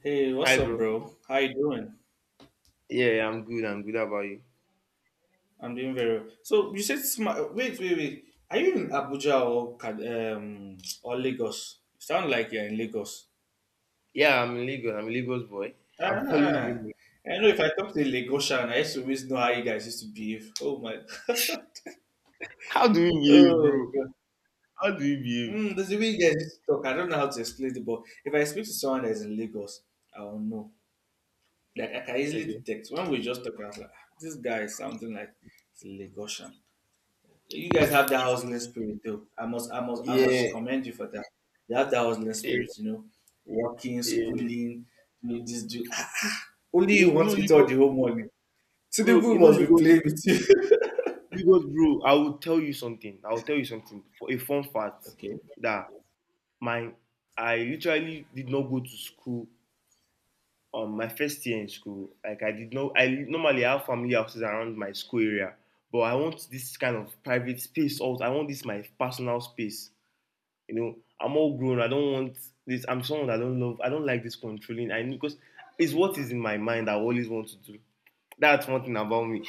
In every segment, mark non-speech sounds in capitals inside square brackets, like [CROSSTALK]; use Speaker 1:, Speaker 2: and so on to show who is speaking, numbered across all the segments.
Speaker 1: Hey, what's
Speaker 2: Hi,
Speaker 1: up,
Speaker 2: bro.
Speaker 1: bro? How you doing?
Speaker 2: Yeah, I'm good. I'm good. How about you?
Speaker 1: I'm doing very well. So you said smart. Wait. Are you in Abuja or or Lagos? You sound like you're in Lagos.
Speaker 2: Yeah, I'm in Lagos. I'm a Lagos boy. [LAUGHS] I've always
Speaker 1: Ah,
Speaker 2: been.
Speaker 1: I know. If I talk to a Lagosian, I used to always know how you guys used to behave. Oh my. [LAUGHS]
Speaker 2: How do you behave,
Speaker 1: Oh
Speaker 2: bro?
Speaker 1: god.
Speaker 2: How do you behave?
Speaker 1: There's a way you guys used to talk. I don't know how to explain it, but if I speak to someone that is in Lagos, I will know. Like I can easily
Speaker 2: Okay.
Speaker 1: detect. When we just talk, I was like, "Ah, this guy is something like it's Lagosian." You guys have that hustling spirit though. I must
Speaker 2: Yeah,
Speaker 1: commend you for that. You have that hustling
Speaker 2: yeah,
Speaker 1: spirit, you know. Working,
Speaker 2: yeah.
Speaker 1: schooling, doing this do ah, ah. Only you
Speaker 2: You
Speaker 1: want
Speaker 2: know,
Speaker 1: to eat all
Speaker 2: Lagos,
Speaker 1: the whole money.
Speaker 2: bro. You
Speaker 1: Tinubu
Speaker 2: know,
Speaker 1: must be
Speaker 2: Lagos,
Speaker 1: playing with you.
Speaker 2: Lagos, bro. I will tell you something for a fun
Speaker 1: [LAUGHS]
Speaker 2: fact
Speaker 1: Okay.
Speaker 2: that my I literally did not go to school my first year in school. Like I did not, I normally have family houses around my school area, but I want this kind of private space. Also, I want this my personal space. You know, I'm all grown. I don't want this. I'm someone that I don't love. I don't like this controlling. I Because it's what is in my mind, I always want to do. That's one thing about me.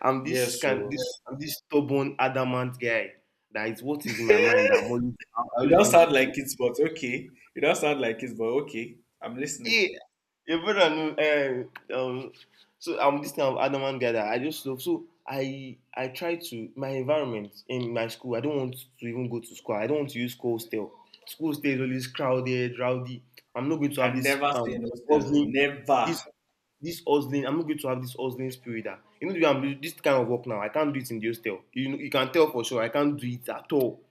Speaker 2: I'm this
Speaker 1: Yes, so
Speaker 2: I'm this stubborn, adamant guy. That is what is in
Speaker 1: [LAUGHS]
Speaker 2: my
Speaker 1: you
Speaker 2: mind. That I always
Speaker 1: don't
Speaker 2: want to
Speaker 1: sound
Speaker 2: do.
Speaker 1: like kids, but okay. You don't sound like kids, but okay. I'm listening.
Speaker 2: Yeah, your brother know. Uh, um, so I'm this kind of adamant guy that I just love. So I try to my environment in my school. I don't want to even go to school. I don't want to use school hostel. School hostel is always crowded, rowdy. I'm not
Speaker 1: I
Speaker 2: going to have
Speaker 1: can
Speaker 2: this
Speaker 1: never stay in hostel.
Speaker 2: hustling, this
Speaker 1: Never.
Speaker 2: this hustling. I'm not going to have this hustling spirit. That, you know, I'm doing this kind of work now. I can't do it in the hostel. You know, you can tell for sure. I can't do it at all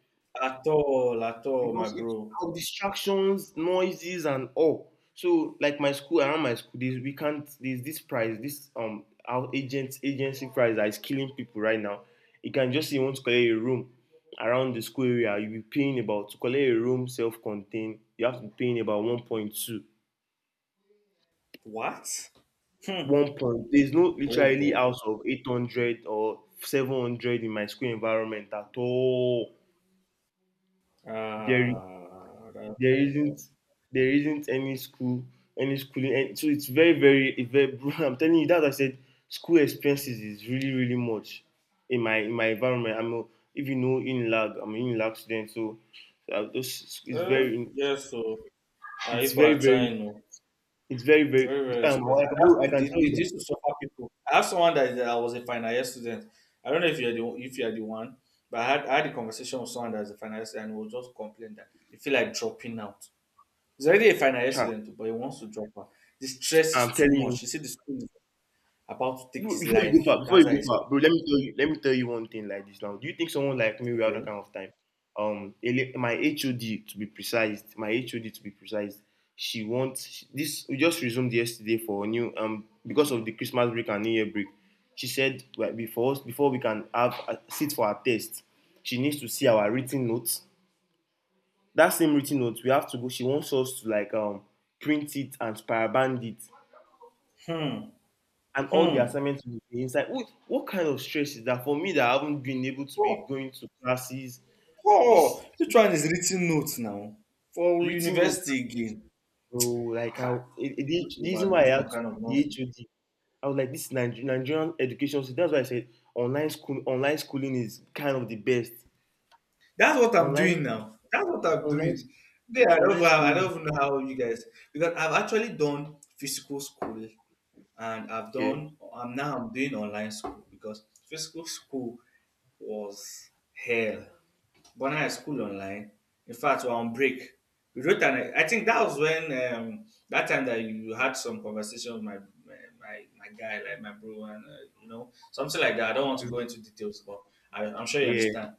Speaker 1: At all, my
Speaker 2: because it's
Speaker 1: bro.
Speaker 2: our distractions, noises, and all. So, like my school, around my school, we can't. There's this price, this our agent agency price that is killing people right now. You can just say you want to collect a room around the school area. You'll be paying about to collect a room self-contained. You have to be paying about 1.2.
Speaker 1: What? Hmm.
Speaker 2: One point. There's no
Speaker 1: Oh
Speaker 2: literally
Speaker 1: boy.
Speaker 2: house of 800 or 700 in my school environment at all. There is
Speaker 1: Ah, that's
Speaker 2: there isn't
Speaker 1: hard.
Speaker 2: there isn't any schooling, and so it's very very it very [LAUGHS] I'm telling you that I said school expenses is really really much in my environment. If you know in lag, I'm an in lag student. So those
Speaker 1: Uh, yes, so
Speaker 2: it's
Speaker 1: people
Speaker 2: very
Speaker 1: are
Speaker 2: very
Speaker 1: trying. No.
Speaker 2: it's very very
Speaker 1: Very, very expensive. And that's
Speaker 2: I
Speaker 1: to,
Speaker 2: can
Speaker 1: this,
Speaker 2: tell you
Speaker 1: this
Speaker 2: that.
Speaker 1: this to suffer people. I have someone that, that was a final year student. I don't know if you're the one, but I had a conversation with someone that's a final year student and he was just complaining that he feel like dropping out. He's already a final year
Speaker 2: huh,
Speaker 1: student, too, but he wants to drop out. The stress
Speaker 2: I'm
Speaker 1: is too
Speaker 2: telling you.
Speaker 1: much. He said the school is about to take
Speaker 2: Before
Speaker 1: his
Speaker 2: before you go
Speaker 1: life.
Speaker 2: far,
Speaker 1: That's how he's
Speaker 2: bro, let me tell you one thing like this now. Do you think someone like me will have that
Speaker 1: okay.
Speaker 2: kind of time? My HOD to be precise, she wants she- this. We just resumed yesterday for a new because of the Christmas break and New Year break. She said, like, before we can sit for our test, she needs to see our written notes. That same written notes, we have to go. She wants us to, like, print it and spiral band it,
Speaker 1: Hmm.
Speaker 2: and all the
Speaker 1: Hmm.
Speaker 2: assignments will be inside. What kind of stress is that for me, that I haven't been able to be
Speaker 1: Oh,
Speaker 2: going to classes? It's
Speaker 1: oh, which one is written notes now for
Speaker 2: written notes,
Speaker 1: university again?
Speaker 2: bro. Like,
Speaker 1: Ca-
Speaker 2: how the
Speaker 1: people
Speaker 2: the reason why
Speaker 1: to some kind of
Speaker 2: the
Speaker 1: nonsense.
Speaker 2: HOD, I was like, this Nigerian education system. That's why I said online school, online schooling is kind of the best.
Speaker 1: That's what I'm
Speaker 2: Online,
Speaker 1: doing now. That's what I'm
Speaker 2: online,
Speaker 1: doing. Yeah, I don't,
Speaker 2: online
Speaker 1: I
Speaker 2: schooling.
Speaker 1: don't even know how you guys because I've actually done physical school and I've
Speaker 2: Yeah,
Speaker 1: done. I'm doing online school because physical school was hell. But now I school online. In fact, we're on break. We wrote an. I think that was when that time that you had some conversation with my guy, like my bro, and you know something like that. I don't want to go into details, but I'm sure you
Speaker 2: yeah,
Speaker 1: understand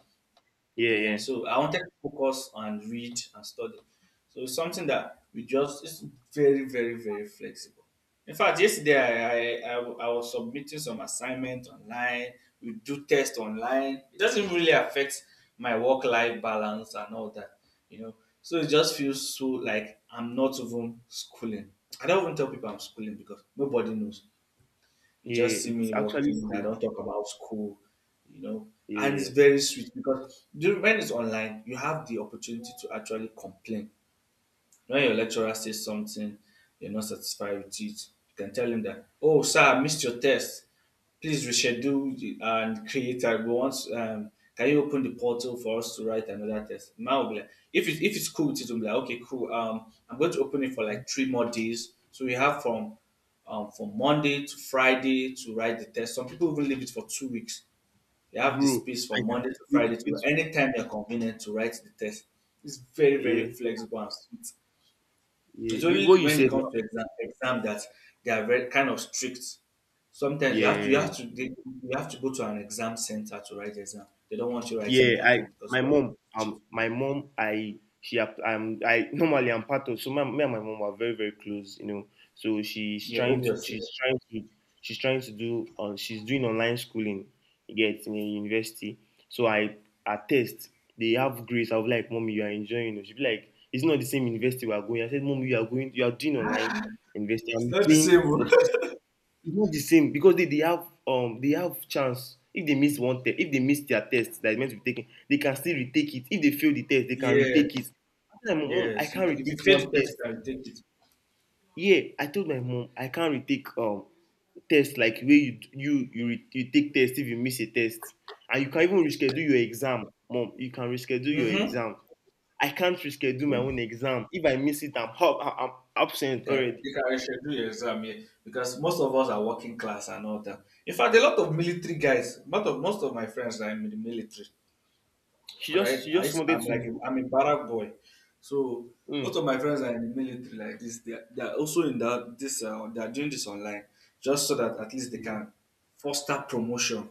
Speaker 2: yeah,
Speaker 1: uh.
Speaker 2: yeah,
Speaker 1: So I wanted to focus and read and study. So it's something that we just it's very, very, very flexible. In fact, yesterday I was submitting some assignment online. We do test online. It doesn't really affect my work life balance and all that, you know. So it just feels so like I'm not even schooling. I don't even tell people I'm schooling because nobody knows. You
Speaker 2: yeah.
Speaker 1: just see
Speaker 2: It's
Speaker 1: me
Speaker 2: actually
Speaker 1: walking. I
Speaker 2: cool.
Speaker 1: don't talk about school, you know. And it's
Speaker 2: Yeah,
Speaker 1: very sweet because during, when it's online, you have the opportunity to actually complain when your lecturer says something you're not satisfied with it, you can tell him that, oh, sir, I missed your test. Please reschedule the- and create. I want, can you open the portal for us to write another test? Man will be like, if it's cool, with it will be like, okay, cool. I'm going to open it for like three more days. So we have from Monday to Friday to write the test. Some people even leave it for two weeks. You have the
Speaker 2: bro.
Speaker 1: space
Speaker 2: I
Speaker 1: from
Speaker 2: can,
Speaker 1: Monday to
Speaker 2: it,
Speaker 1: Friday to
Speaker 2: it,
Speaker 1: anytime you're convenient to write the test. It's very,
Speaker 2: yeah,
Speaker 1: very flexible and sweet.
Speaker 2: yeah.
Speaker 1: It's
Speaker 2: What
Speaker 1: only
Speaker 2: you
Speaker 1: when it
Speaker 2: said now.
Speaker 1: comes to exam that they are very kind of strict. Sometimes
Speaker 2: Yeah.
Speaker 1: you have to go to an exam center to write the exam. They don't want you writing
Speaker 2: Yeah,
Speaker 1: it at
Speaker 2: I
Speaker 1: home because
Speaker 2: my
Speaker 1: you are
Speaker 2: mom —
Speaker 1: cheat.
Speaker 2: my mom I I normally — I'm part of so my, me and my mom are very very close, you know. So
Speaker 1: Yeah, obviously.
Speaker 2: she's trying to do on she's doing online schooling. You get in a university, so I attest, they have grades. I was like, mommy, you are enjoying it. She be like, it's not the same university we are going. I said, mommy, you are going, you are doing online university.
Speaker 1: It's
Speaker 2: I'm
Speaker 1: not the
Speaker 2: doing
Speaker 1: same.
Speaker 2: a
Speaker 1: Oh. [LAUGHS]
Speaker 2: It's not the same because they have chance. If they miss one test If they miss their test that is meant to be taken, they can still retake it. If they fail the test, they can
Speaker 1: Yes,
Speaker 2: retake it. I told my mom I
Speaker 1: yes. You,
Speaker 2: can't
Speaker 1: ca- if you
Speaker 2: retake
Speaker 1: fail
Speaker 2: one
Speaker 1: the test,
Speaker 2: test.
Speaker 1: you can take it.
Speaker 2: Yeah, I told my mom I can't retake test, like, where you d- you, re, you take test if you miss a test, and you can even reschedule your exam. Mom, you can reschedule your
Speaker 1: Mm-hmm.
Speaker 2: exam. I can't reschedule my
Speaker 1: Yeah.
Speaker 2: own exam. If I miss it, I'm absent already.
Speaker 1: You can reschedule your exam here because most of us are working class and all that. In fact, a lot of military guys, most of my friends are in the military. Because
Speaker 2: She just wanted
Speaker 1: I'm like
Speaker 2: to.
Speaker 1: I'm a barrack boy, so most
Speaker 2: Mm.
Speaker 1: of my friends are in the military like this. They are also in that this they are doing this online just so that at least they can foster promotion.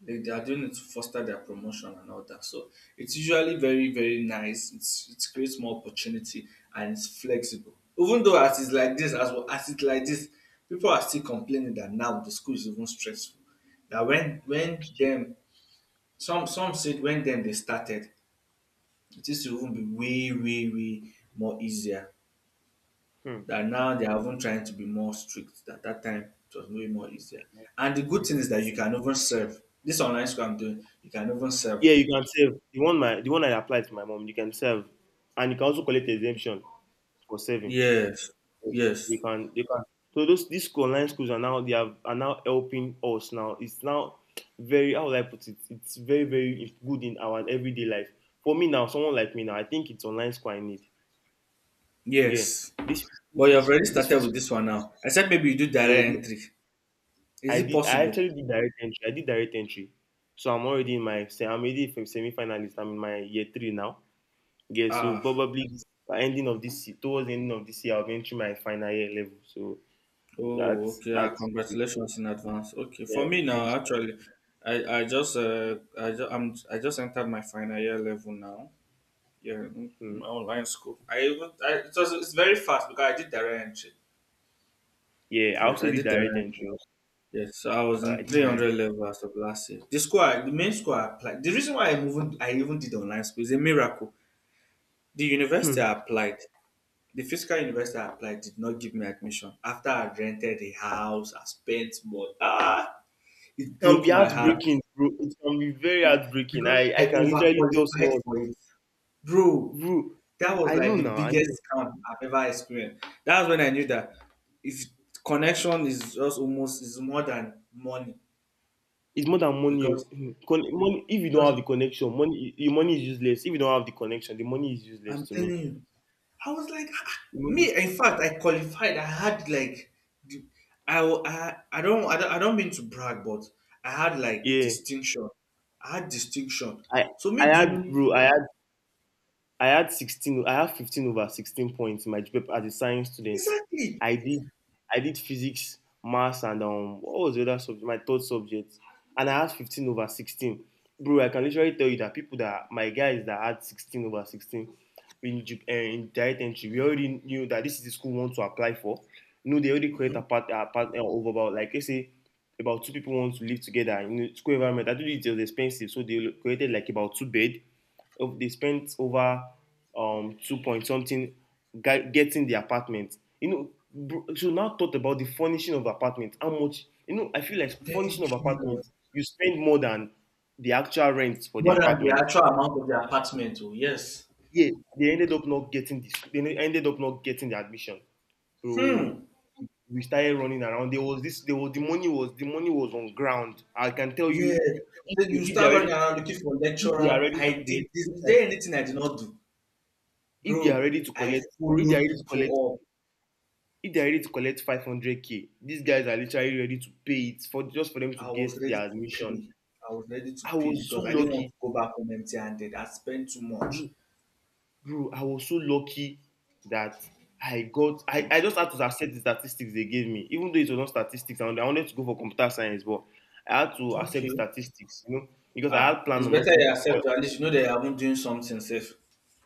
Speaker 1: They are doing it to foster their promotion and all that. So it's usually very very nice. It's, it creates more opportunity and it's flexible. Even though as it's like this as well, as it's like this, people are still complaining that now the school is even stressful. That when them some said when them they started it used to even be way, way, way more easier.
Speaker 2: Mm.
Speaker 1: That now they are even trying to be more strict. That that time it was way more easier. And the good thing
Speaker 2: It's,
Speaker 1: is that
Speaker 2: it's,
Speaker 1: you can even serve. This online school I'm doing, you can even serve.
Speaker 2: yeah, you can save. The one I applied to my mom, you can save, and you can also collect exemption for saving.
Speaker 1: Yes,
Speaker 2: You
Speaker 1: yes,
Speaker 2: can, you can. So those these online schools are now — are now helping us now. It's now very — how would I put it? It's very very good in our everyday life. For me now, someone like me now, I think it's online school I need. Again,
Speaker 1: yes.
Speaker 2: this
Speaker 1: But you have already
Speaker 2: this
Speaker 1: started with
Speaker 2: physical —
Speaker 1: this one now. Except maybe you do
Speaker 2: yeah.
Speaker 1: direct entry. Is it
Speaker 2: I
Speaker 1: possible?
Speaker 2: actually did direct entry. I did direct entry, so I'm already semi finalist. I'm in my year three now. Yeah, so
Speaker 1: Ah,
Speaker 2: probably by ending of this year, towards the ending of this year, I'll be entering my final year level. So
Speaker 1: oh, okay. Ah,
Speaker 2: that's
Speaker 1: congratulations in advance. Okay, for
Speaker 2: yeah.
Speaker 1: me now,
Speaker 2: Thanks.
Speaker 1: actually, I just I'm I just entered my final year level now. Yeah, m-
Speaker 2: Hmm.
Speaker 1: my online school. It was it's very fast because I did direct entry.
Speaker 2: Yeah, I
Speaker 1: Yes,
Speaker 2: also
Speaker 1: I
Speaker 2: did
Speaker 1: did
Speaker 2: direct
Speaker 1: direct
Speaker 2: entry.
Speaker 1: entry.
Speaker 2: Also.
Speaker 1: Yes, so I was
Speaker 2: I
Speaker 1: in
Speaker 2: did direct.
Speaker 1: 300 level as of last year. The school, I- the main school I applied. The reason why I even did online school is a miracle. The university I
Speaker 2: Hmm.
Speaker 1: applied, the physical university I applied, did not give me admission. After I rented a house, I spent more. Ah,
Speaker 2: It
Speaker 1: it
Speaker 2: can
Speaker 1: broke
Speaker 2: be
Speaker 1: my heart.
Speaker 2: heartbreaking, bro. It can be very
Speaker 1: It-
Speaker 2: heartbreaking.
Speaker 1: because
Speaker 2: I
Speaker 1: I
Speaker 2: I can literally tell
Speaker 1: overqualified
Speaker 2: someone,
Speaker 1: for it, bro.
Speaker 2: bro.
Speaker 1: That was
Speaker 2: I
Speaker 1: like
Speaker 2: know
Speaker 1: the
Speaker 2: now. I know.
Speaker 1: biggest scam I've ever experienced. That's when I knew that if connection is just almost is more than money
Speaker 2: It's more than money. Oh.
Speaker 1: because
Speaker 2: Hmm. Money. If you don't
Speaker 1: because
Speaker 2: have the connection, money — your money is useless. If you don't have the connection, the money is useless
Speaker 1: I'm
Speaker 2: to me.
Speaker 1: telling you, I was like "Ah, ah."
Speaker 2: The money-
Speaker 1: Me. In fact, I qualified. I had like the, I, wa- I don't I don't I don't mean to brag, but I had like
Speaker 2: Yeah.
Speaker 1: distinction. I had distinction.
Speaker 2: I
Speaker 1: So
Speaker 2: I
Speaker 1: me
Speaker 2: had,
Speaker 1: doing
Speaker 2: bro. I had 16, I have 15 over 16 points in my GPA as a science student.
Speaker 1: exactly.
Speaker 2: I did, I did physics, maths, and what was the other subject? My third subject, and I had 15 over 16. Bro, I can literally tell you that people, that my guys that had 16 over 16 in direct entry, we already knew that this is the school we want to apply for. You know, they already create a part over about, like, let's say about two people want to live together in a school environment. I do It was expensive, so they created, like, about two bed — oh, they spent over two point something getting the apartment. You know, bro, so now thought about the furnishing of apartment. How much, I feel like, furnishing of
Speaker 1: Thank you.
Speaker 2: apartment, you spend more than the actual rent for the
Speaker 1: More than the
Speaker 2: apartment.
Speaker 1: actual amount of the apartment. Oh yes.
Speaker 2: Yeah, they ended up not getting this, ended up not getting the admission. So
Speaker 1: Hmm.
Speaker 2: we started running around. There was — the money was on ground. I can tell
Speaker 1: Yeah.
Speaker 2: you, if,
Speaker 1: Then you
Speaker 2: if they are
Speaker 1: start
Speaker 2: ready
Speaker 1: running around looking for
Speaker 2: if they are
Speaker 1: lecturer.
Speaker 2: ready
Speaker 1: I
Speaker 2: to
Speaker 1: did
Speaker 2: collect
Speaker 1: this. Is there anything I did not do?
Speaker 2: if they are
Speaker 1: Bro,
Speaker 2: ready to
Speaker 1: I
Speaker 2: collect bro if they are
Speaker 1: followed
Speaker 2: ready to collect
Speaker 1: people
Speaker 2: if they are ready to collect 500K, these guys are literally ready to pay it, for just for them to
Speaker 1: up. I was
Speaker 2: get
Speaker 1: ready
Speaker 2: their
Speaker 1: to
Speaker 2: admission.
Speaker 1: pay. I was ready to
Speaker 2: I
Speaker 1: pay
Speaker 2: was so
Speaker 1: because I didn't want
Speaker 2: lucky
Speaker 1: to go back home empty handed. I spent too much.
Speaker 2: bro Bro, I was so lucky that I just had to accept the statistics they gave me, even though it was not statistics, and I wanted to go for computer science. But I had to accept
Speaker 1: Okay.
Speaker 2: the statistics, you know, because I
Speaker 1: Ah,
Speaker 2: had
Speaker 1: it's
Speaker 2: planned on
Speaker 1: better you
Speaker 2: also —
Speaker 1: accept at least you know that you haven't doing something safe.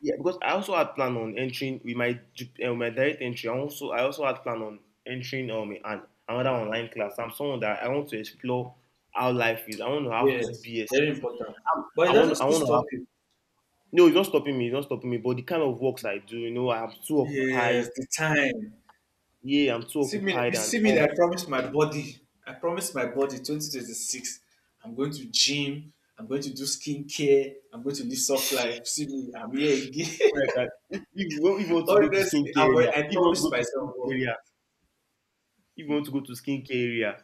Speaker 2: yeah, because I also had plan on entering with my my direct entry. I also had plan on entering another online class. I'm someone that I want to explore how life is. I want to have two
Speaker 1: Yes,
Speaker 2: BS.
Speaker 1: very important. But it doesn't
Speaker 2: I
Speaker 1: still
Speaker 2: want to have
Speaker 1: stop you.
Speaker 2: No. It's not stopping me. It's not stopping me. But the kind of works I do, you know, I'm too
Speaker 1: Yes,
Speaker 2: occupied.
Speaker 1: the time.
Speaker 2: Yeah, I'm too
Speaker 1: See me,
Speaker 2: occupied.
Speaker 1: you
Speaker 2: And
Speaker 1: see me
Speaker 2: oh,
Speaker 1: that I promised my body. I promised my body 2026. I'm going to gym. I'm going to do skincare. I'm going to live soft life. See me, I'm here again.
Speaker 2: right, guys. If you
Speaker 1: [LAUGHS]
Speaker 2: want to go to
Speaker 1: Honestly,
Speaker 2: skincare area,
Speaker 1: I
Speaker 2: if you want to
Speaker 1: promised
Speaker 2: go to
Speaker 1: myself.
Speaker 2: skincare
Speaker 1: But
Speaker 2: area, if you want to go to skincare area,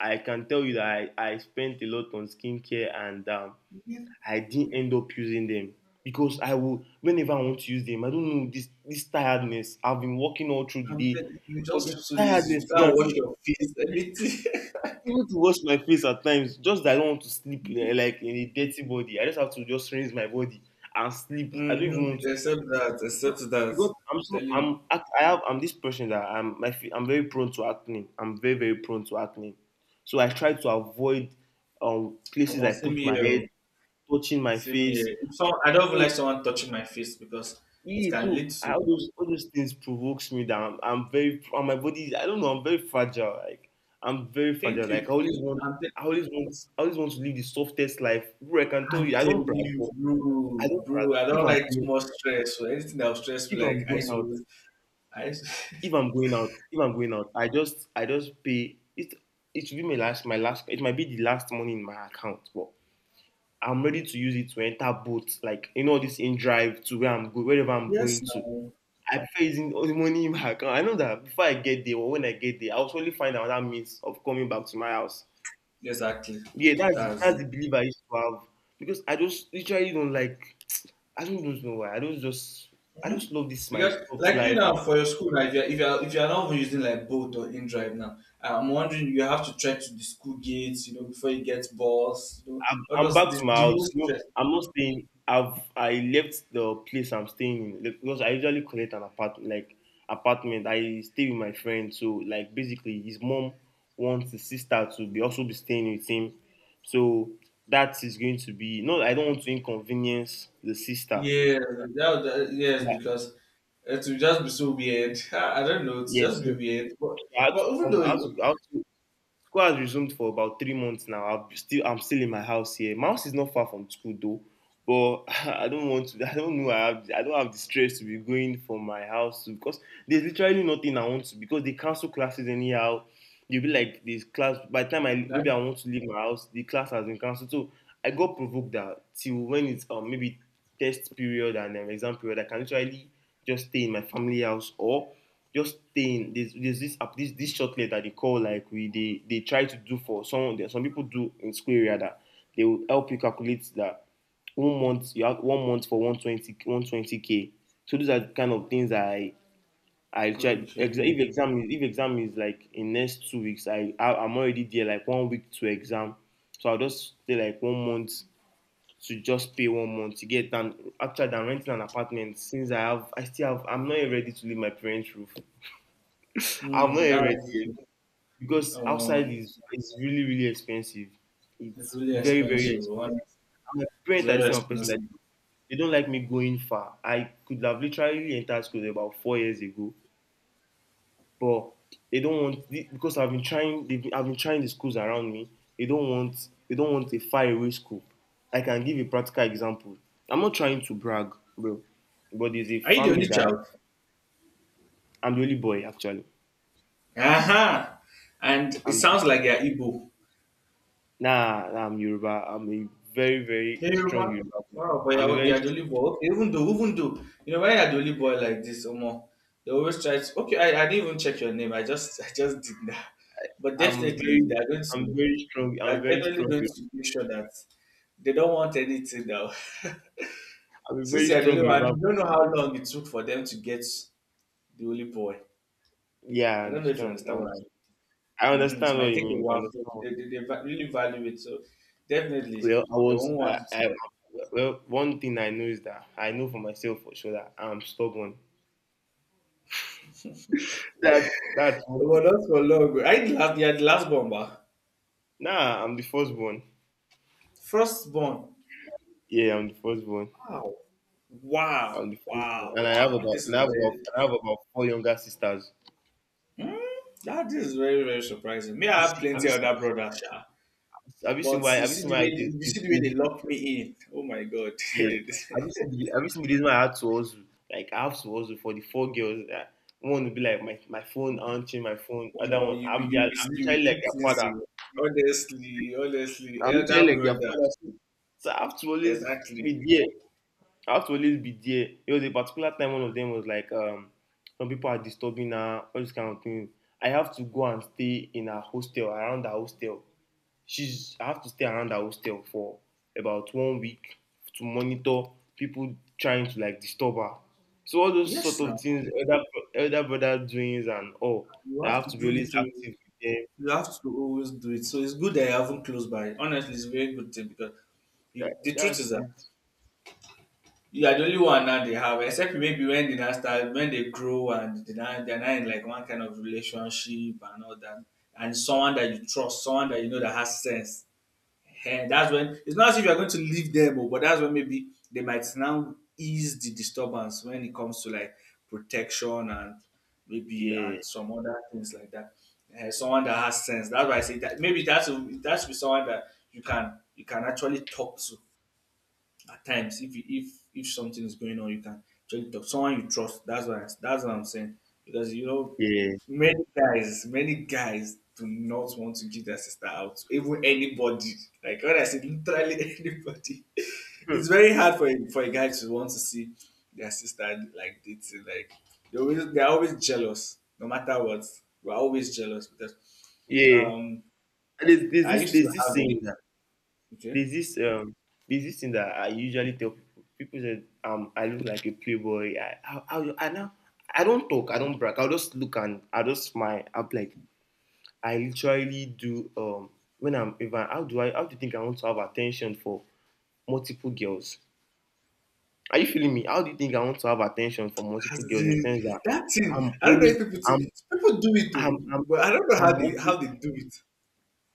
Speaker 2: I can tell you that I spent a lot on skincare, and
Speaker 1: if
Speaker 2: I didn't end up using them because I will whenever I want to use them, I don't know — this tiredness. I've been working all through the
Speaker 1: I'm
Speaker 2: day,
Speaker 1: telling you, you
Speaker 2: but
Speaker 1: just
Speaker 2: the
Speaker 1: feel so lazy. You
Speaker 2: tiredness, you
Speaker 1: can't
Speaker 2: can
Speaker 1: wash
Speaker 2: see,
Speaker 1: your face. Everything. [LAUGHS]
Speaker 2: even to wash my face at times. Just that I don't want to sleep, eh, like in a dirty body. I just have to just rinse my body and sleep. I don't even
Speaker 1: Mm-hmm.
Speaker 2: want. To,
Speaker 1: Except that. Except
Speaker 2: because,
Speaker 1: that.
Speaker 2: because
Speaker 1: I'm telling you,
Speaker 2: I'm this person that I'm very prone to acne. I'm very very prone to acne, so I try to avoid places I
Speaker 1: almost same
Speaker 2: put my
Speaker 1: here.
Speaker 2: head,
Speaker 1: Oh.
Speaker 2: touching my
Speaker 1: Same
Speaker 2: face.
Speaker 1: here. If some, I don't even like
Speaker 2: So,
Speaker 1: someone touching my face because it
Speaker 2: Yeah,
Speaker 1: can
Speaker 2: so
Speaker 1: lead to.
Speaker 2: all those things provokes me that I'm very, and I don't know, I'm very
Speaker 1: Thank
Speaker 2: fragile, like
Speaker 1: you.
Speaker 2: I always want to live the softest life. Bro, I can tell
Speaker 1: I'm
Speaker 2: you, I don't
Speaker 1: telling
Speaker 2: brag.
Speaker 1: you,
Speaker 2: But I
Speaker 1: bro,
Speaker 2: don't brag.
Speaker 1: bro. I don't like too much stress. So anything that will stress me,
Speaker 2: If I'm
Speaker 1: like I
Speaker 2: going
Speaker 1: used to,
Speaker 2: out,
Speaker 1: always- I used to,
Speaker 2: if I'm going out, I just pay it. It will be my last. It might be the last money in my account, but I'm ready to use it to enter boats, like, this in drive to where I'm going, wherever
Speaker 1: [LAUGHS]
Speaker 2: I'm
Speaker 1: yes,
Speaker 2: going to.
Speaker 1: no,
Speaker 2: I pay using money in my account. I know that before I get there, or when I get there, I'll surely find another means of coming back to my house.
Speaker 1: exactly.
Speaker 2: Yeah,
Speaker 1: That's
Speaker 2: that's
Speaker 1: it.
Speaker 2: the belief I used to have, because I just literally don't like. [TSK] I don't just know why. I don't just. I just love this my
Speaker 1: Because
Speaker 2: soft
Speaker 1: like you
Speaker 2: life.
Speaker 1: now for your school, like if you're if you're not even using like Bolt or InDrive now, I'm wondering you have to check to the school gates, you know, before you get boss, you know,
Speaker 2: I'm,
Speaker 1: all
Speaker 2: I'm
Speaker 1: those
Speaker 2: back to my
Speaker 1: the whole
Speaker 2: house. You know,
Speaker 1: stress.
Speaker 2: I'm not staying. I left the place I'm staying in, like, because I usually collect an apartment. Like apartment, I stay with my friend. So, like, basically, his mom wants his sister to be also be staying with him. So that is going to be no. I don't want to inconvenience the sister.
Speaker 1: Yeah,
Speaker 2: So,
Speaker 1: yes,
Speaker 2: like,
Speaker 1: because it will just be so weird. [LAUGHS] I don't know, it will just
Speaker 2: yes, yeah,
Speaker 1: be
Speaker 2: so
Speaker 1: weird.
Speaker 2: I had to
Speaker 1: But even
Speaker 2: come.
Speaker 1: though it-
Speaker 2: I had to School has resumed for about 3 months now. I'm still in my house here. My house is not far from school, though, but [LAUGHS] I don't want to. I don't know. I don't have the stress to be going from my house to, because there's literally nothing I want to, because they cancel classes anyhow. You'll be like, this class, by the time I,
Speaker 1: that
Speaker 2: maybe I want to leave my house, the class has been cancelled. So I got provoked that till when it's maybe test period, and exam period, I can literally just stay in my family house, or just stay in there's, this shortlet that they call, like, we they try to do for some, there some people do in school area, that they will help you calculate that one month you have one month for one twenty one twenty k, so those are the kind of things I check ex-
Speaker 1: okay.
Speaker 2: if exam is like in next 2 weeks, I'm already there like one week to exam, so I'll just stay like one month to just pay one month to get done. Actually, than renting an apartment, since I still have I'm not yet ready to leave my parents' roof. I'm not yet ready
Speaker 1: That's
Speaker 2: yet, because outside
Speaker 1: um,
Speaker 2: is really really expensive.
Speaker 1: it's
Speaker 2: It's
Speaker 1: really
Speaker 2: very very
Speaker 1: expensive. One,
Speaker 2: expensive. And my
Speaker 1: it's
Speaker 2: parents are the
Speaker 1: very
Speaker 2: same person that
Speaker 1: expensive.
Speaker 2: they don't like me going far. I could have literally entered school about 4 years ago, but they don't want because I've been trying. I've been trying the schools around me. They don't want. They don't want a faraway school. I can give a practical example. I'm not trying to brag, bro, but there's a
Speaker 1: Are you the
Speaker 2: family
Speaker 1: only
Speaker 2: that
Speaker 1: child?
Speaker 2: I'm the only boy actually.
Speaker 1: Aha! And it
Speaker 2: I'm
Speaker 1: sounds like you're Igbo.
Speaker 2: nah. Nah, I'm Yoruba. I'm a very very
Speaker 1: Yeah,
Speaker 2: strong
Speaker 1: Yoruba.
Speaker 2: Yoruba. Boy.
Speaker 1: Wow, but
Speaker 2: I'm a
Speaker 1: you're,
Speaker 2: very.
Speaker 1: you're the only
Speaker 2: str-
Speaker 1: boy. Okay, you know, when you're the only boy like this, they always try to. Okay, I didn't even check your name. I just, [LAUGHS] I just did that. But
Speaker 2: I'm
Speaker 1: definitely,
Speaker 2: very.
Speaker 1: they're going to,
Speaker 2: I'm very strong. I'm
Speaker 1: they're
Speaker 2: very
Speaker 1: definitely
Speaker 2: strong.
Speaker 1: going
Speaker 2: Yoruba-
Speaker 1: to make sure that they don't want anything now. [LAUGHS]
Speaker 2: I'm a
Speaker 1: Since
Speaker 2: very
Speaker 1: you're the
Speaker 2: strong
Speaker 1: only one,
Speaker 2: Yoruba.
Speaker 1: you don't know how long it took for them to get the only boy.
Speaker 2: Yeah, I
Speaker 1: I don't know if you
Speaker 2: understand.
Speaker 1: understand what I mean.
Speaker 2: I
Speaker 1: Mhm. It
Speaker 2: understand what
Speaker 1: might
Speaker 2: you
Speaker 1: take a
Speaker 2: mean. I
Speaker 1: while, so
Speaker 2: understand.
Speaker 1: they va- really value it. So definitely,
Speaker 2: Well, I
Speaker 1: they
Speaker 2: was.
Speaker 1: won't want you to.
Speaker 2: Well, one thing I know is that I know for myself for sure that I'm stubborn. That that's
Speaker 1: But not for long. I the last, yeah, the last born, ba.
Speaker 2: nah. I'm the firstborn.
Speaker 1: First born.
Speaker 2: Yeah, I'm the firstborn.
Speaker 1: Wow. Wow.
Speaker 2: I'm the firstborn,
Speaker 1: Wow.
Speaker 2: and I have
Speaker 1: Wow.
Speaker 2: about
Speaker 1: This is very,
Speaker 2: and I have about four younger sisters.
Speaker 1: mm, that this is very, very surprising. Me,
Speaker 2: You
Speaker 1: I have
Speaker 2: see, have
Speaker 1: plenty
Speaker 2: you seen?
Speaker 1: other brothers, sha.
Speaker 2: Have you seen
Speaker 1: But
Speaker 2: why? Have you seen why?
Speaker 1: you see the way they lock me in. Oh my god.
Speaker 2: Yeah.
Speaker 1: [LAUGHS]
Speaker 2: Have you seen? The- Have you seen the reason why I had to also, like I have to also for the four girls that one would be like my phone auntie, my phone
Speaker 1: Omo,
Speaker 2: other one.
Speaker 1: you you
Speaker 2: I'm
Speaker 1: you be
Speaker 2: usually
Speaker 1: do
Speaker 2: like their
Speaker 1: things
Speaker 2: father.
Speaker 1: o. Honestly, honestly,
Speaker 2: I'm
Speaker 1: elder
Speaker 2: literally like their
Speaker 1: brother,
Speaker 2: father. So so I have to always
Speaker 1: exactly.
Speaker 2: be there. I have to always be there. It was a particular time one of them was like, some people are disturbing her, all this kind of thing. I have to go and stay in her hostel, around her hostel. She's I have to stay around her hostel for about one week to monitor people trying to like disturb her. So all those
Speaker 1: Yes
Speaker 2: sort of
Speaker 1: now,
Speaker 2: things, elder, bro- elder brother doings and all,
Speaker 1: you
Speaker 2: that I
Speaker 1: have
Speaker 2: have
Speaker 1: to
Speaker 2: to be
Speaker 1: do
Speaker 2: always
Speaker 1: it o.
Speaker 2: active with them.
Speaker 1: You have to always do it. So it's good that you haven't close by. Honestly, it's a very good thing because you,
Speaker 2: That,
Speaker 1: the truth is
Speaker 2: that's
Speaker 1: that
Speaker 2: it.
Speaker 1: you are the only one now they have, except maybe when they now start, when they grow and they're now in like one kind of relationship and all that. And someone that you trust, someone that you know that has sense. And that's when it's not as if you're going to leave them, oh, but that's when maybe they might now ease the disturbance when it comes to like protection and maybe and
Speaker 2: Yeah,
Speaker 1: some other things like that. Eh, someone that has sense. That's why I say that maybe that's that should be someone that you can actually talk to at times if something is going on, you can actually talk someone you trust. That's what I'm saying, because you know
Speaker 2: yeah.
Speaker 1: many guys do not want to give their sister out to even anybody, like when I say literally [LAUGHS] anybody. It's very hard for a guy to want to see their sister like dating, like they're always jealous no matter what. We're always jealous because
Speaker 2: Yeah.
Speaker 1: um
Speaker 2: And
Speaker 1: I used to
Speaker 2: there's this
Speaker 1: have a
Speaker 2: saying that
Speaker 1: Okay.
Speaker 2: there's this um there's this thing that I usually tell people. People said I look like a playboy. I now I don't talk. I don't brag. I'll just look and I will just smile. I'm like I literally do when I'm, if I, how do I, how do you think I want to have attention for multiple girls? Are you feeling me? How do you think I want to have attention for
Speaker 1: As
Speaker 2: multiple girls, in the
Speaker 1: in
Speaker 2: sense that
Speaker 1: that
Speaker 2: I'm
Speaker 1: thing, I don't know
Speaker 2: only
Speaker 1: if people
Speaker 2: I'm
Speaker 1: think people do it
Speaker 2: I'm
Speaker 1: though,
Speaker 2: I'm
Speaker 1: but I don't know
Speaker 2: I'm
Speaker 1: how
Speaker 2: working
Speaker 1: they do it.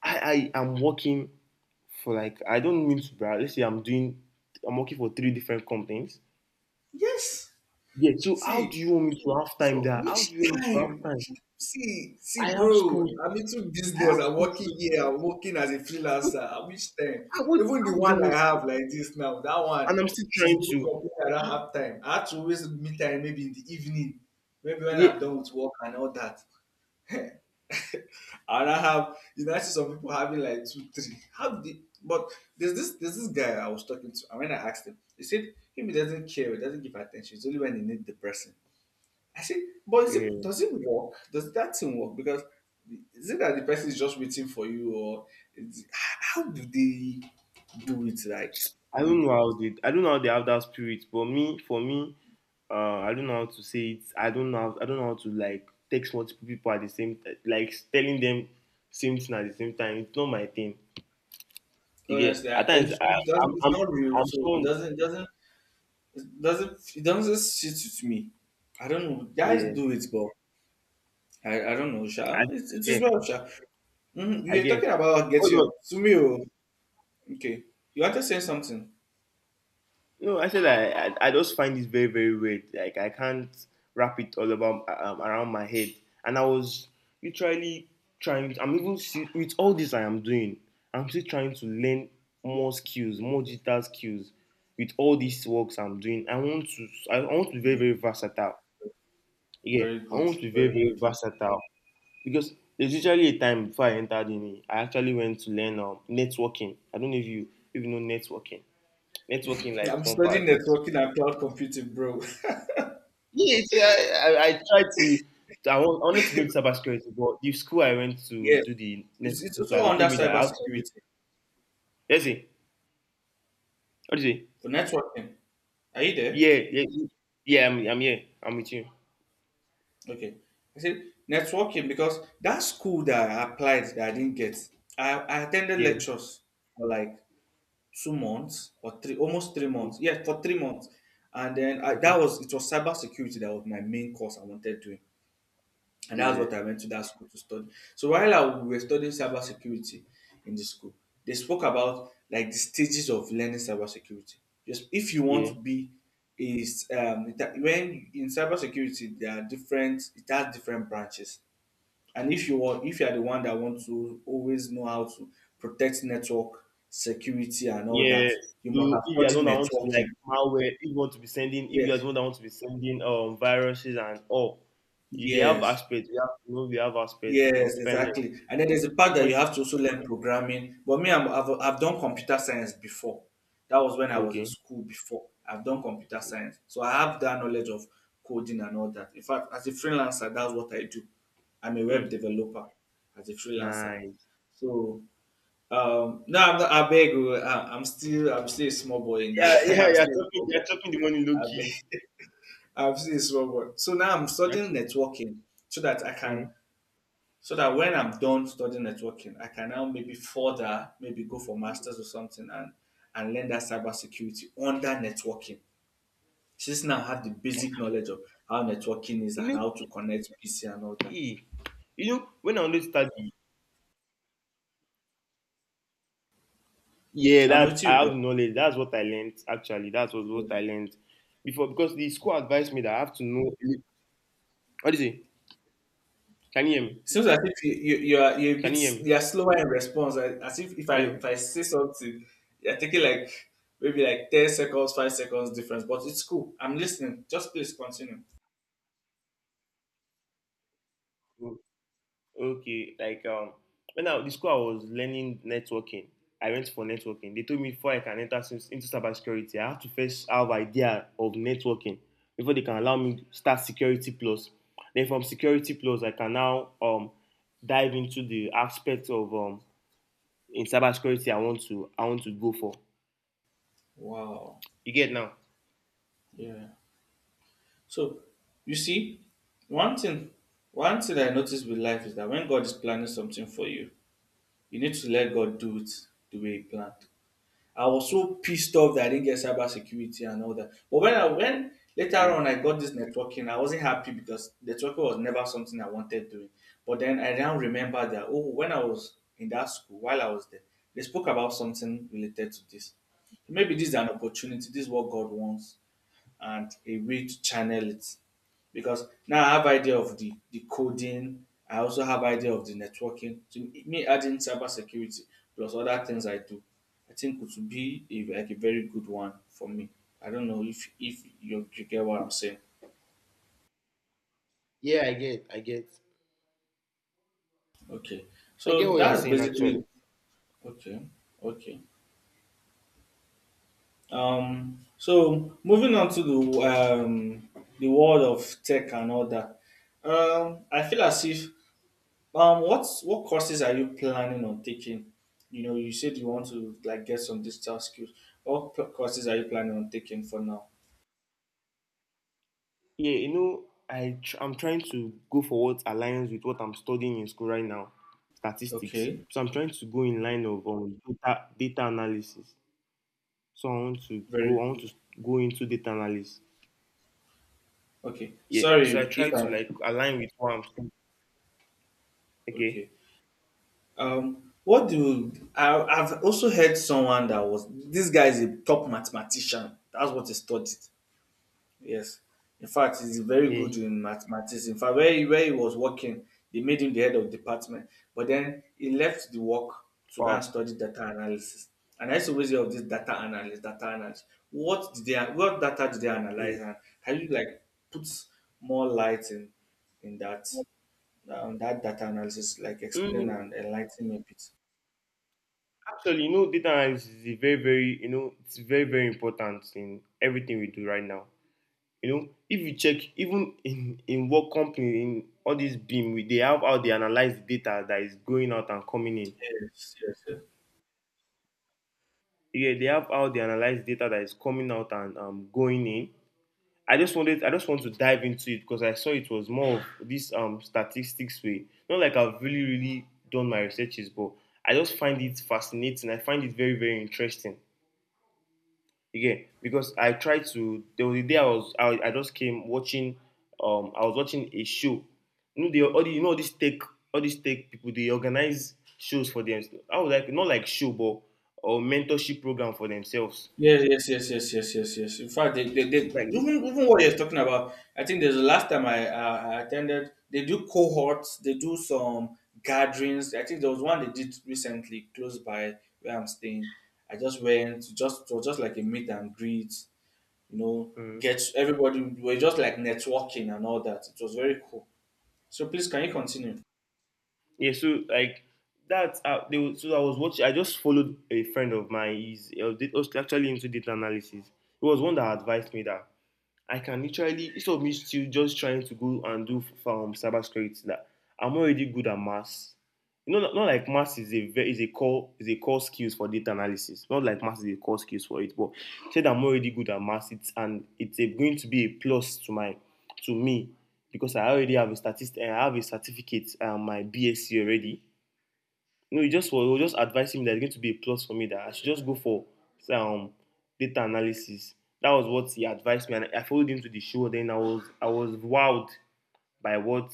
Speaker 2: I am working for, like, I don't mean to brag. Let's say I'm doing I'm working for three different companies.
Speaker 1: Yes.
Speaker 2: Yeah. So how
Speaker 1: See,
Speaker 2: do you want me to have time
Speaker 1: so
Speaker 2: there? How do
Speaker 1: which
Speaker 2: you want me to have
Speaker 1: time?
Speaker 2: time?
Speaker 1: See, see,
Speaker 2: I have
Speaker 1: bro,
Speaker 2: school.
Speaker 1: I'm into
Speaker 2: I
Speaker 1: business.
Speaker 2: have
Speaker 1: I'm
Speaker 2: school
Speaker 1: working
Speaker 2: too.
Speaker 1: here. I'm working as a
Speaker 2: So
Speaker 1: freelancer. At which time?
Speaker 2: I want,
Speaker 1: Even the
Speaker 2: how do they
Speaker 1: one I
Speaker 2: want to
Speaker 1: have like this now, that one,
Speaker 2: and I'm still
Speaker 1: she's
Speaker 2: trying
Speaker 1: even
Speaker 2: to
Speaker 1: complaining I don't have time. I have to always meet her maybe in the evening, maybe when I'm
Speaker 2: yeah.
Speaker 1: done with work and all that. [LAUGHS] And I, have you know, I see some people having like two, three. How did they, but there's this guy I was talking to, and when I asked him, he said him he doesn't care, he doesn't give attention. It's only when he need the person. I said, but is it,
Speaker 2: Yeah.
Speaker 1: does it work? Does that thing work? Because is it that the person is just waiting for you, or is, how do they do it? Like
Speaker 2: I don't know how they have that spirit, but me, for me, I don't know how to say it. I don't know how to like text multiple people at the same t- like telling them same thing at the same time. It's not my thing. You
Speaker 1: honestly,
Speaker 2: at times
Speaker 1: it
Speaker 2: I'm
Speaker 1: doesn't, it's
Speaker 2: I'm
Speaker 1: not real,
Speaker 2: I'm
Speaker 1: so
Speaker 2: so
Speaker 1: it doesn't sit with me. I don't know. Guys
Speaker 2: yeah,
Speaker 1: do it, but I don't know, Sha.
Speaker 2: I
Speaker 1: It's
Speaker 2: get,
Speaker 1: well, Sha. Mhm.
Speaker 2: I
Speaker 1: You were talking
Speaker 2: get.
Speaker 1: about getting up.
Speaker 2: Hold
Speaker 1: Sumi, oh. Okay. You want to say something?
Speaker 2: No, I said I just find this very, very weird. Like I can't wrap it all about around my head. And I was literally trying I'm even, see, with all this I am doing, I'm still trying to learn more skills, more digital skills, with all these works I'm doing. I want to be very,
Speaker 1: Mm.
Speaker 2: very versatile. Yeah.
Speaker 1: Very
Speaker 2: I
Speaker 1: good.
Speaker 2: want to be very,
Speaker 1: Very
Speaker 2: very
Speaker 1: good.
Speaker 2: versatile. Because there's usually a time before I entered uni, I actually went to learn networking. I don't know if you know networking. Networking, like,
Speaker 1: I'm
Speaker 2: compa.
Speaker 1: studying
Speaker 2: It's
Speaker 1: networking and cloud computing, bro. [LAUGHS]
Speaker 2: yes, yeah, I tried to. I wanted to go into cybersecurity, but the school I went to
Speaker 1: Yes.
Speaker 2: do the
Speaker 1: It's
Speaker 2: networking
Speaker 1: also
Speaker 2: class, they
Speaker 1: under
Speaker 2: told me that I have to. Do-
Speaker 1: cybersecurity
Speaker 2: Let's see. What do you say?
Speaker 1: for networking. Are you there?
Speaker 2: Yeah, yeah, yeah. I'm here. I'm with you.
Speaker 1: Okay. I said networking because that school that I applied that I didn't get, I attended
Speaker 2: Yeah.
Speaker 1: lectures for like 2 months or three, almost 3 months. Yeah, for 3 months. And then I, that
Speaker 2: Okay.
Speaker 1: was it was cybersecurity that was my main course I wanted to, and that's what
Speaker 2: Yeah.
Speaker 1: I went to that school to study. So while I we were studying cybersecurity in the school, they spoke about like the stages of learning cybersecurity. Just if you want to
Speaker 2: Yeah.
Speaker 1: be is that when in cybersecurity there are different, it has different branches, and if you are the one that wants to always know how to protect network security and all that,
Speaker 2: Yeah.
Speaker 1: you must
Speaker 2: So
Speaker 1: have
Speaker 2: if you are the
Speaker 1: studied
Speaker 2: one that want to like
Speaker 1: networking.
Speaker 2: malware, if you want to be sending, if you are
Speaker 1: Yes,
Speaker 2: the one that want to be sending viruses and all, you, they have
Speaker 1: yes,
Speaker 2: aspects. You have, you know, we have aspects. You
Speaker 1: yes,
Speaker 2: know, pen
Speaker 1: exactly. And then there's a part that you
Speaker 2: different.
Speaker 1: have to also learn programming. But me, I've done computer science before. That was when I was in
Speaker 2: Okay.
Speaker 1: school before. I've done computer science, so I have that knowledge of coding and all that. In fact, as a freelancer, that's what I do. I'm a
Speaker 2: Hmm.
Speaker 1: web developer as a freelancer.
Speaker 2: Nice.
Speaker 1: So um, no, I'm not, I beg you. I'm still a small boy in that.
Speaker 2: Yeah,
Speaker 1: [LAUGHS]
Speaker 2: yeah.
Speaker 1: I'm
Speaker 2: You're
Speaker 1: still a
Speaker 2: chopping.
Speaker 1: small boy.
Speaker 2: You're chopping the money low
Speaker 1: I beg.
Speaker 2: key.
Speaker 1: [LAUGHS] I'm still a small boy. So now I'm
Speaker 2: You're
Speaker 1: studying
Speaker 2: chop-
Speaker 1: networking so that I can,
Speaker 2: Hmm.
Speaker 1: so that when I'm done studying networking, I can now maybe further, maybe go for masters or something, and learn that cybersecurity under networking. Since now I have the basic knowledge of how networking is
Speaker 2: You
Speaker 1: and
Speaker 2: know.
Speaker 1: how to connect PC and all that.
Speaker 2: Eh, you know when I only study. Yeah,
Speaker 1: I'm
Speaker 2: that
Speaker 1: with you,
Speaker 2: I have
Speaker 1: bro.
Speaker 2: knowledge. That's what I learned actually. That's what I learned before because the school advised me that I have to know. What is it? Can you hear me?
Speaker 1: Seems as if you are, you're a
Speaker 2: Can
Speaker 1: bit,
Speaker 2: you hear
Speaker 1: you
Speaker 2: me?
Speaker 1: are slower in response. I- as if
Speaker 2: Hello.
Speaker 1: if I say something, you're taking like maybe like 10 seconds, 5 seconds difference. But it's cool. I'm listening. Just please continue.
Speaker 2: O- Okay, like, when I the school I was learning networking, I went for networking. They told me before I can enter cy- into cybersecurity, I have to first have idea of networking before they can allow me start security plus. Then from security plus, I can now dive into the aspect of in cybersecurity I want to go for.
Speaker 1: Wow.
Speaker 2: You get now?
Speaker 1: Yeah. So you see, one thing one thing I noticed with life is that when God is planning something for you, you need to let God do it the way He planned. I was so pissed off that I didn't get cyber security and all that. But when I when later
Speaker 2: Mm.
Speaker 1: on I got this networking, I wasn't happy because networking was never something I wanted doing. But then I now remember that oh, when I was in that school, while I was there, they spoke about something related to this. So maybe this is an opportunity. This is what God wants, and a way to channel it, because now I have idea of the coding. I also have idea of the networking. So me adding cyber security plus other things I do, I think it would be a, like a very good one for me. I don't know if you get what I'm saying.
Speaker 2: Yeah, I get, I get,
Speaker 1: Okay,
Speaker 2: I get
Speaker 1: so
Speaker 2: what you're
Speaker 1: that's
Speaker 2: saying
Speaker 1: basically
Speaker 2: actually.
Speaker 1: okay. Okay. Um, so moving on to the world of tech and all that. Um, I feel as if um, what courses are you planning on taking? You know, you said you want to like get some digital skills. What courses are you planning on taking for now?
Speaker 2: Yeah, you know, I tr- I'm trying to go for what aligns with what I'm studying in school right now, statistics.
Speaker 1: Okay,
Speaker 2: So I'm trying to go in line of data analysis. So I want to
Speaker 1: very
Speaker 2: go. I want
Speaker 1: good.
Speaker 2: to go into data analysis.
Speaker 1: Okay,
Speaker 2: Yeah. So I
Speaker 1: sorry
Speaker 2: try
Speaker 1: if
Speaker 2: to
Speaker 1: I.
Speaker 2: like align with what I'm studying. Okay.
Speaker 1: Okay, I've also heard someone that was this guy is a top mathematician. That's what he studied. Yes. In fact, he's very
Speaker 2: Yeah.
Speaker 1: good in mathematics. In fact, where he was working, they made him the head of department. But then he left the work to go
Speaker 2: Wow.
Speaker 1: and study data analysis. And I used to always hear of this data analyst, data analyst. What data did they
Speaker 2: Yeah.
Speaker 1: analyze, and can you like put more light in that on that data analysis, like explain
Speaker 2: Mm,
Speaker 1: and enlighten me a bit?
Speaker 2: Actually, data analysis is a very, very, it's very, very important in everything we do right now. If you check even in what company in all these beam they have how they analyze data that is going out and coming in.
Speaker 1: Yes, yes, yes.
Speaker 2: Yeah, they have how they analyze data that is coming out and going in. I just want to dive into it because I saw it was more of this statistics way. Not like I've really really done my researches, but I just find it fascinating. I find it very very interesting again, because I tried to. There was a day I just came watching. I was watching a show. You know, they all the, you know all these tech people, they organize shows for them. I was like not like show, but or mentorship program for themselves.
Speaker 1: Yes, yes, yes, yes, yes, yes, yes. In fact, they
Speaker 2: Like
Speaker 1: even even what you're talking about. I think there's the last time I attended. They do cohorts. They do some gatherings. I think there was one they did recently close by where I'm staying. I just went. Just it was just like a meet and greet. You know,
Speaker 2: mm,
Speaker 1: get everybody. We're just like networking and all that. It was very cool. So please, can you continue?
Speaker 2: yeah, so like that. So I was watching. I just followed a friend of mine. He was actually into data analysis. He was one that advised me that I can literally, instead of me still just trying to go and do cybersecurity, that I'm already good at maths. You know, not like maths is a core skills for data analysis. Not like maths is a core skills for it, but said I'm already good at maths. It's going to be a plus to me, because I already have a statistic. I have a certificate, my BSc already. No, he was just advising me that it's going to be a plus for me, that I should just go for um data analysis. That was what he advised me, and I followed him to the show. Then I was wowed by what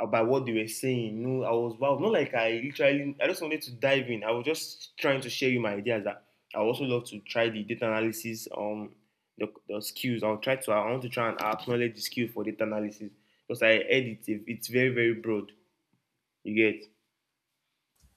Speaker 2: uh, by what they were saying. You know, I was wowed. Not like I just wanted to dive in. I was just trying to share you my ideas that I also love to try the data analysis the skills. I want to try and acknowledge the skill for data analysis because I edit it. It's very very broad. You get.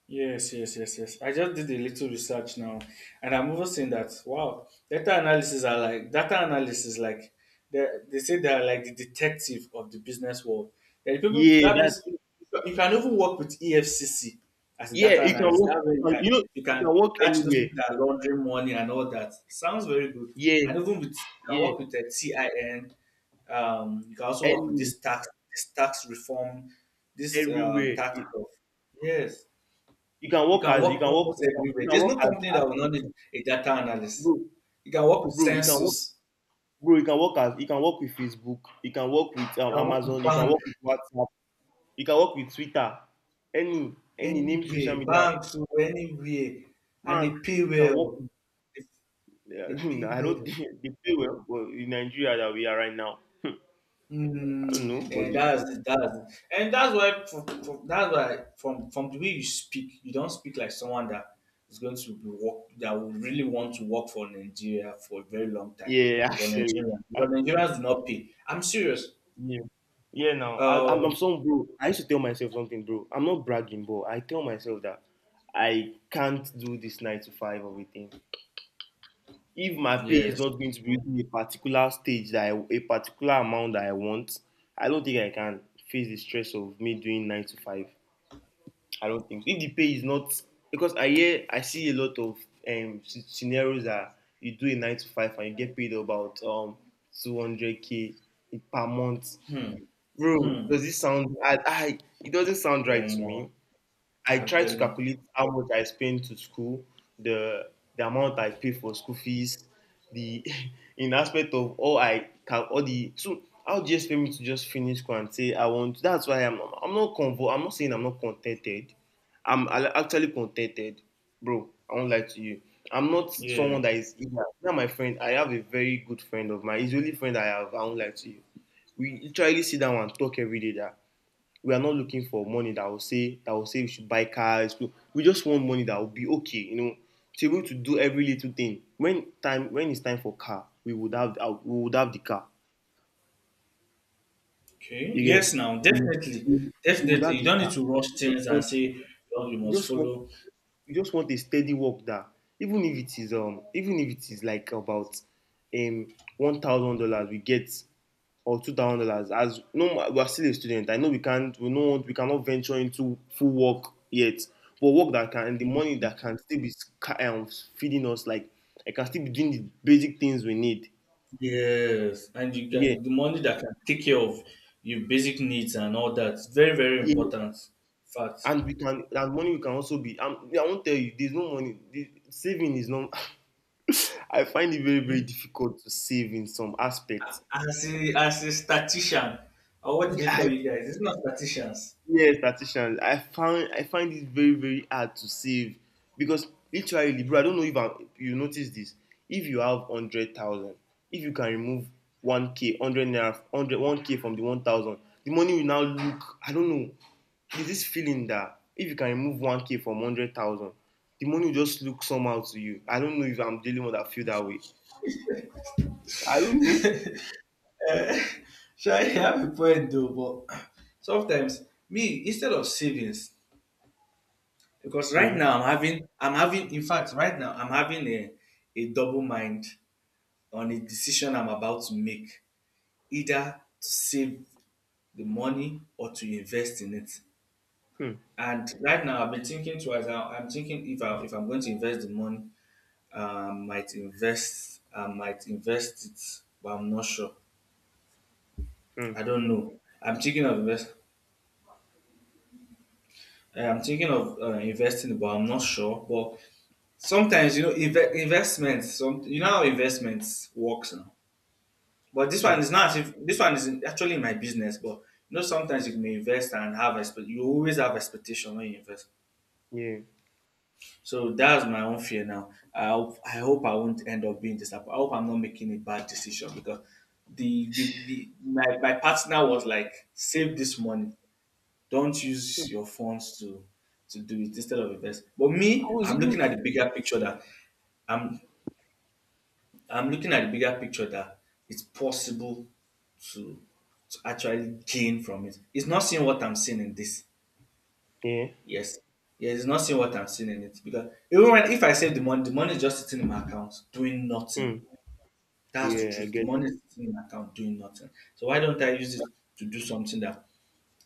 Speaker 1: Yes, yes, yes, yes. I just did a little research now, and I'm also seeing that wow, data analysis, like they say they are like the detective of the business world. And people
Speaker 2: Yeah,
Speaker 1: that
Speaker 2: that.
Speaker 1: means you you can even work with EFCC as a
Speaker 2: Yeah,
Speaker 1: data
Speaker 2: you can
Speaker 1: analyst. That
Speaker 2: walk.
Speaker 1: way you
Speaker 2: You
Speaker 1: can
Speaker 2: can walk
Speaker 1: catch those
Speaker 2: anywhere.
Speaker 1: people that are laundering money and all that. Sounds very good.
Speaker 2: Yeah,
Speaker 1: And even with you can
Speaker 2: yeah,
Speaker 1: work with the TIN. You can also work with
Speaker 2: any,
Speaker 1: this tax reform, this
Speaker 2: everywhere.
Speaker 1: tax of yes, you can
Speaker 2: You
Speaker 1: work
Speaker 2: can walk.
Speaker 1: almost
Speaker 2: You can,
Speaker 1: everywhere.
Speaker 2: you can
Speaker 1: There's
Speaker 2: walk
Speaker 1: no
Speaker 2: as,
Speaker 1: company that
Speaker 2: as
Speaker 1: will not need a data analyst.
Speaker 2: bro,
Speaker 1: You can work with
Speaker 2: bro. You can walk,
Speaker 1: census,
Speaker 2: bro. You can walk with Facebook. You can walk with
Speaker 1: you can work with
Speaker 2: Amazon. You can
Speaker 1: bank,
Speaker 2: walk with WhatsApp. You can work with Twitter. Any, any name social
Speaker 1: anywhere,
Speaker 2: media,
Speaker 1: bank to anywhere, and they
Speaker 2: bank.
Speaker 1: pay
Speaker 2: You can work.
Speaker 1: well.
Speaker 2: With,
Speaker 1: They,
Speaker 2: yeah,
Speaker 1: they pay
Speaker 2: [LAUGHS] I don't
Speaker 1: well.
Speaker 2: think they pay well, but in Nigeria that we are right now, I don't know,
Speaker 1: Mm, that's and that's why from that's why from the way you speak, you don't speak like someone that is going to be work that would really want to work for Nigeria for a very long time
Speaker 2: yeah, [LAUGHS]
Speaker 1: for
Speaker 2: actually.
Speaker 1: Nigeria, because Nigerians do not pay. I'm serious.
Speaker 2: Yeah. Yeah, now I'm
Speaker 1: Um,
Speaker 2: some, bro. I used to tell myself something, bro. I'm not bragging, but I tell myself that I can't do this nine to five of a thing. If my pay is
Speaker 1: Yes.
Speaker 2: not going to be reaching a particular stage a particular amount that I want, I don't think I can face the stress of me doing nine to five. I don't think so. If the pay is not, because I see a lot of scenarios that you do a nine to five and you get paid about 200 k per month.
Speaker 1: Hmm.
Speaker 2: Bro,
Speaker 1: Hmm.
Speaker 2: does this sound, I it doesn't sound right to
Speaker 1: Um,
Speaker 2: me. I
Speaker 1: I'm
Speaker 2: try to
Speaker 1: telling.
Speaker 2: calculate how much I spend to school, the the amount I pay for school fees, the [LAUGHS] in aspect of all I can, all the, so how do you expect me to just finish school and say I want, that's why I'm not saying I'm not contented. I'm actually contented, bro. I won't lie to you. I'm not
Speaker 1: Yeah.
Speaker 2: someone that is eager. Now my friend, I have a very good friend of mine. He's the only friend I have. I won't lie to you. We literally sit down and talk every day. That we are not looking for money that will say we should buy cars. We just want money that will be okay, to be able to do every little thing. When it's time for car, we would have the car.
Speaker 1: Okay.
Speaker 2: You get.
Speaker 1: Yes. Now,
Speaker 2: we
Speaker 1: definitely,
Speaker 2: we- we would
Speaker 1: definitely,
Speaker 2: have
Speaker 1: you
Speaker 2: the
Speaker 1: don't need
Speaker 2: car.
Speaker 1: to rush
Speaker 2: we just
Speaker 1: things and
Speaker 2: want
Speaker 1: say, "Oh, you
Speaker 2: we
Speaker 1: must
Speaker 2: just want
Speaker 1: follow."
Speaker 2: we just want a steady work that even if it is like about $1,000 we get, or $2,000, as, no, we are still a student. I know we can't we no we cannot venture into full work yet, but work that can the money that can still be feeding us. Like, I can still be doing the basic things we need.
Speaker 1: Yes, and you
Speaker 2: Yeah,
Speaker 1: can the money that can take care of your basic needs and all that. Very, very
Speaker 2: yeah,
Speaker 1: important fact.
Speaker 2: and we can that money we can also be yeah, I won't tell you there's no money. The saving is not. [LAUGHS] I find it very very difficult to save in some aspects.
Speaker 1: As a statistician, or what do
Speaker 2: Yeah,
Speaker 1: they
Speaker 2: I
Speaker 1: call you guys? It's not statisticians.
Speaker 2: yes, statisticians. I find it very very hard to save, because literally, bro. I don't know if I'm. You notice this. If you have 100,000, if you can remove one k, hundred naira, hundred one k from the 1,000, the money will now look. I don't know. There's this feeling that if you can remove one k from 100,000, the money will just look somehow to you. I don't know if I'm the only one that feel that way. I don't know.
Speaker 1: Eh, [LAUGHS] sure, you have a point though, but sometimes me instead of savings. Because right
Speaker 2: Mm,
Speaker 1: now i'm having in fact right now I'm having a double mind on a decision I'm about to make, either to save the money or to invest in it.
Speaker 2: mm,
Speaker 1: And right now I've been thinking twice. I'm thinking if I if I'm going to invest the money, I might invest it, but I'm not sure.
Speaker 2: mm,
Speaker 1: I don't know, I'm thinking of invest, I'm thinking of investing but I'm not sure. But sometimes you know investments. Some you know how investments works now, but this one
Speaker 2: mm.
Speaker 1: is not. As if this one is actually my business, but you know sometimes you may invest and have expect. You always have expectation when you invest.
Speaker 2: Yeah.
Speaker 1: So that's my own fear now. I hope, I hope I won't end up being disappointed. I hope I'm not making a bad decision because the my partner was like, save this money. Don't use your funds to do it instead of invest. But
Speaker 2: I
Speaker 1: me,
Speaker 2: was
Speaker 1: I'm
Speaker 2: even.
Speaker 1: looking at the bigger picture that I'm I'm looking at the bigger picture that it's possible to actually gain from it. It's not seeing what I'm seeing in this.
Speaker 2: Yeah.
Speaker 1: Yes. Yes, it's not seeing what I'm seeing in it. Because even when if I save the money is just sitting in my account doing nothing.
Speaker 2: Mm.
Speaker 1: That's the
Speaker 2: Yeah. I
Speaker 1: truth. The
Speaker 2: get.
Speaker 1: money is sitting in my account doing nothing. So why don't I use it to do something that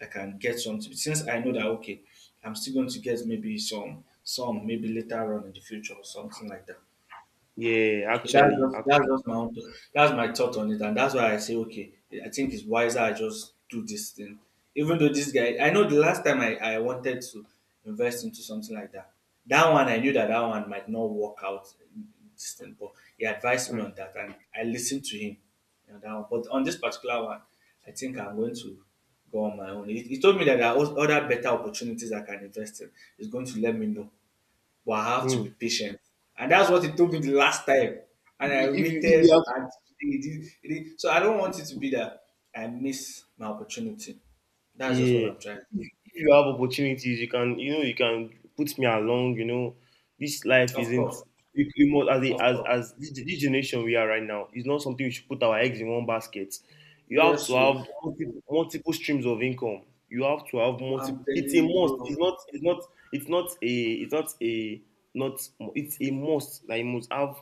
Speaker 1: I can get something, since I know that okay, I'm still going to get maybe some maybe later on in the future or something like that.
Speaker 2: Yeah, actually,
Speaker 1: That's
Speaker 2: actually.
Speaker 1: just my own thought. That's my thought on it, and that's why I say okay. I think it's wiser I just do this thing, even though this guy, I know the last time I wanted to invest into something like that. That one I knew that that one might not work out. This thing, but he advised me
Speaker 2: Mm.
Speaker 1: on that, and I listened to him on that one. But on this particular one, I think I'm going to go on my own. He told me that there are other better opportunities I can invest in. He's going to let me know, but I have to be
Speaker 2: Mm.
Speaker 1: patient. And that's what he told me the last time. And I
Speaker 2: If you
Speaker 1: waited
Speaker 2: have
Speaker 1: and it did. So I don't want it to be that I miss my opportunity. That's just what
Speaker 2: Yeah.
Speaker 1: I'm trying.
Speaker 2: If you have opportunities, you can put me along. This life
Speaker 1: Of course,
Speaker 2: isn't, you must, as, a,
Speaker 1: of
Speaker 2: as,
Speaker 1: course.
Speaker 2: as this generation we are right now, is not something we should put our eggs in one basket. You have
Speaker 1: Yes,
Speaker 2: to
Speaker 1: so
Speaker 2: have multiple, multiple streams of income. You have to have
Speaker 1: I'm
Speaker 2: multiple, it's
Speaker 1: telling
Speaker 2: a
Speaker 1: you,
Speaker 2: must.
Speaker 1: bro,
Speaker 2: It's not a, not, it's a must that you must have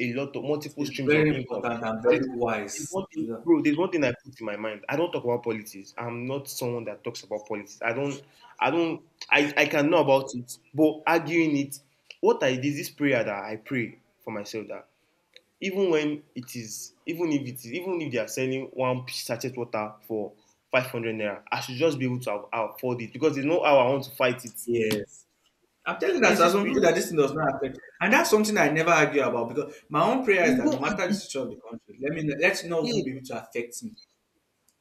Speaker 2: a lot of multiple
Speaker 1: it's
Speaker 2: streams
Speaker 1: very
Speaker 2: of income.
Speaker 1: important and
Speaker 2: And
Speaker 1: very
Speaker 2: there's
Speaker 1: wise
Speaker 2: one
Speaker 1: to do
Speaker 2: thing,
Speaker 1: that.
Speaker 2: bro, there's one thing I put in my mind. I don't talk about politics. I'm not someone that talks about politics. I don't. I don't. I can know about it, but arguing it, what I did, this prayer that I pray for myself that even when it is, even if it is, even if they are selling one sachet water for 500 naira, I should just be able to afford it, because there's no how I want to fight it.
Speaker 1: Yes. I'm telling you that
Speaker 2: There's
Speaker 1: there's
Speaker 2: this,
Speaker 1: some
Speaker 2: you
Speaker 1: people that
Speaker 2: just,
Speaker 1: this thing does not affect. And that's something I never argue about, because my own prayer is
Speaker 2: You
Speaker 1: that no
Speaker 2: don't
Speaker 1: matter the
Speaker 2: argue.
Speaker 1: situation of the country, let's not even be
Speaker 2: Yeah,
Speaker 1: able to affect me.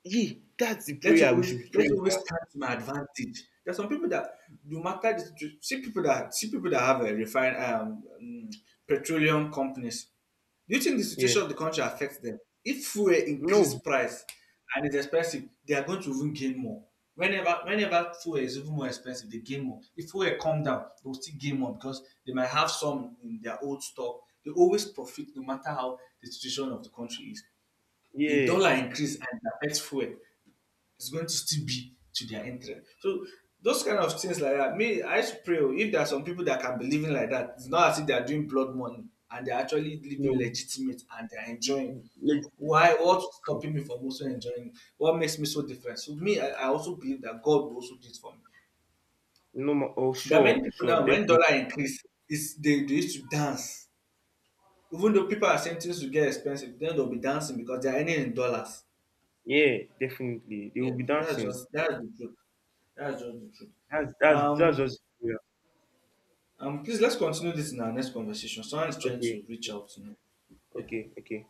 Speaker 2: yeah, that's the prayer we should be
Speaker 1: Let's
Speaker 2: praying
Speaker 1: always
Speaker 2: for.
Speaker 1: stand to my advantage. There's some people that no matter the see people that have a refined petroleum companies. Do you think the
Speaker 2: Yeah.
Speaker 1: situation of the country affects them? If fuel increase
Speaker 2: No.
Speaker 1: price and it's expensive, they are going to even gain more. Whenever fuel is even more expensive, they gain more. If fuel come down, they will still gain more because they might have some in their old stock. They always profit no matter how the situation of the country is. If
Speaker 2: Yeah.
Speaker 1: dollar increase and it affects fuel, it's going to still be to their interest. So those kind of things like that. Me, I used pray oh, if there are some people that can be living like that, it's not as if they are doing blood money and they're actually living
Speaker 2: No.
Speaker 1: legitimate and they're enjoying.
Speaker 2: Like,
Speaker 1: Why? What's stopping me from also enjoying it? What makes me so different? So me, I also believe that God will also do it for me.
Speaker 2: no more. Oh,
Speaker 1: There are many
Speaker 2: sure.
Speaker 1: people
Speaker 2: Sure.
Speaker 1: now when
Speaker 2: Definitely.
Speaker 1: dollar increase, it's they used to dance. Even though people are saying things will get expensive, then they'll be dancing because they're earning in dollars.
Speaker 2: Yeah. Definitely. They will
Speaker 1: Yeah,
Speaker 2: be
Speaker 1: so
Speaker 2: dancing.
Speaker 1: that's the truth. That's just the truth.
Speaker 2: That's
Speaker 1: Um,
Speaker 2: just yeah.
Speaker 1: Please let's continue this in our next conversation. Someone is trying
Speaker 2: Okay.
Speaker 1: to reach out to me. Yeah.
Speaker 2: Okay. Okay.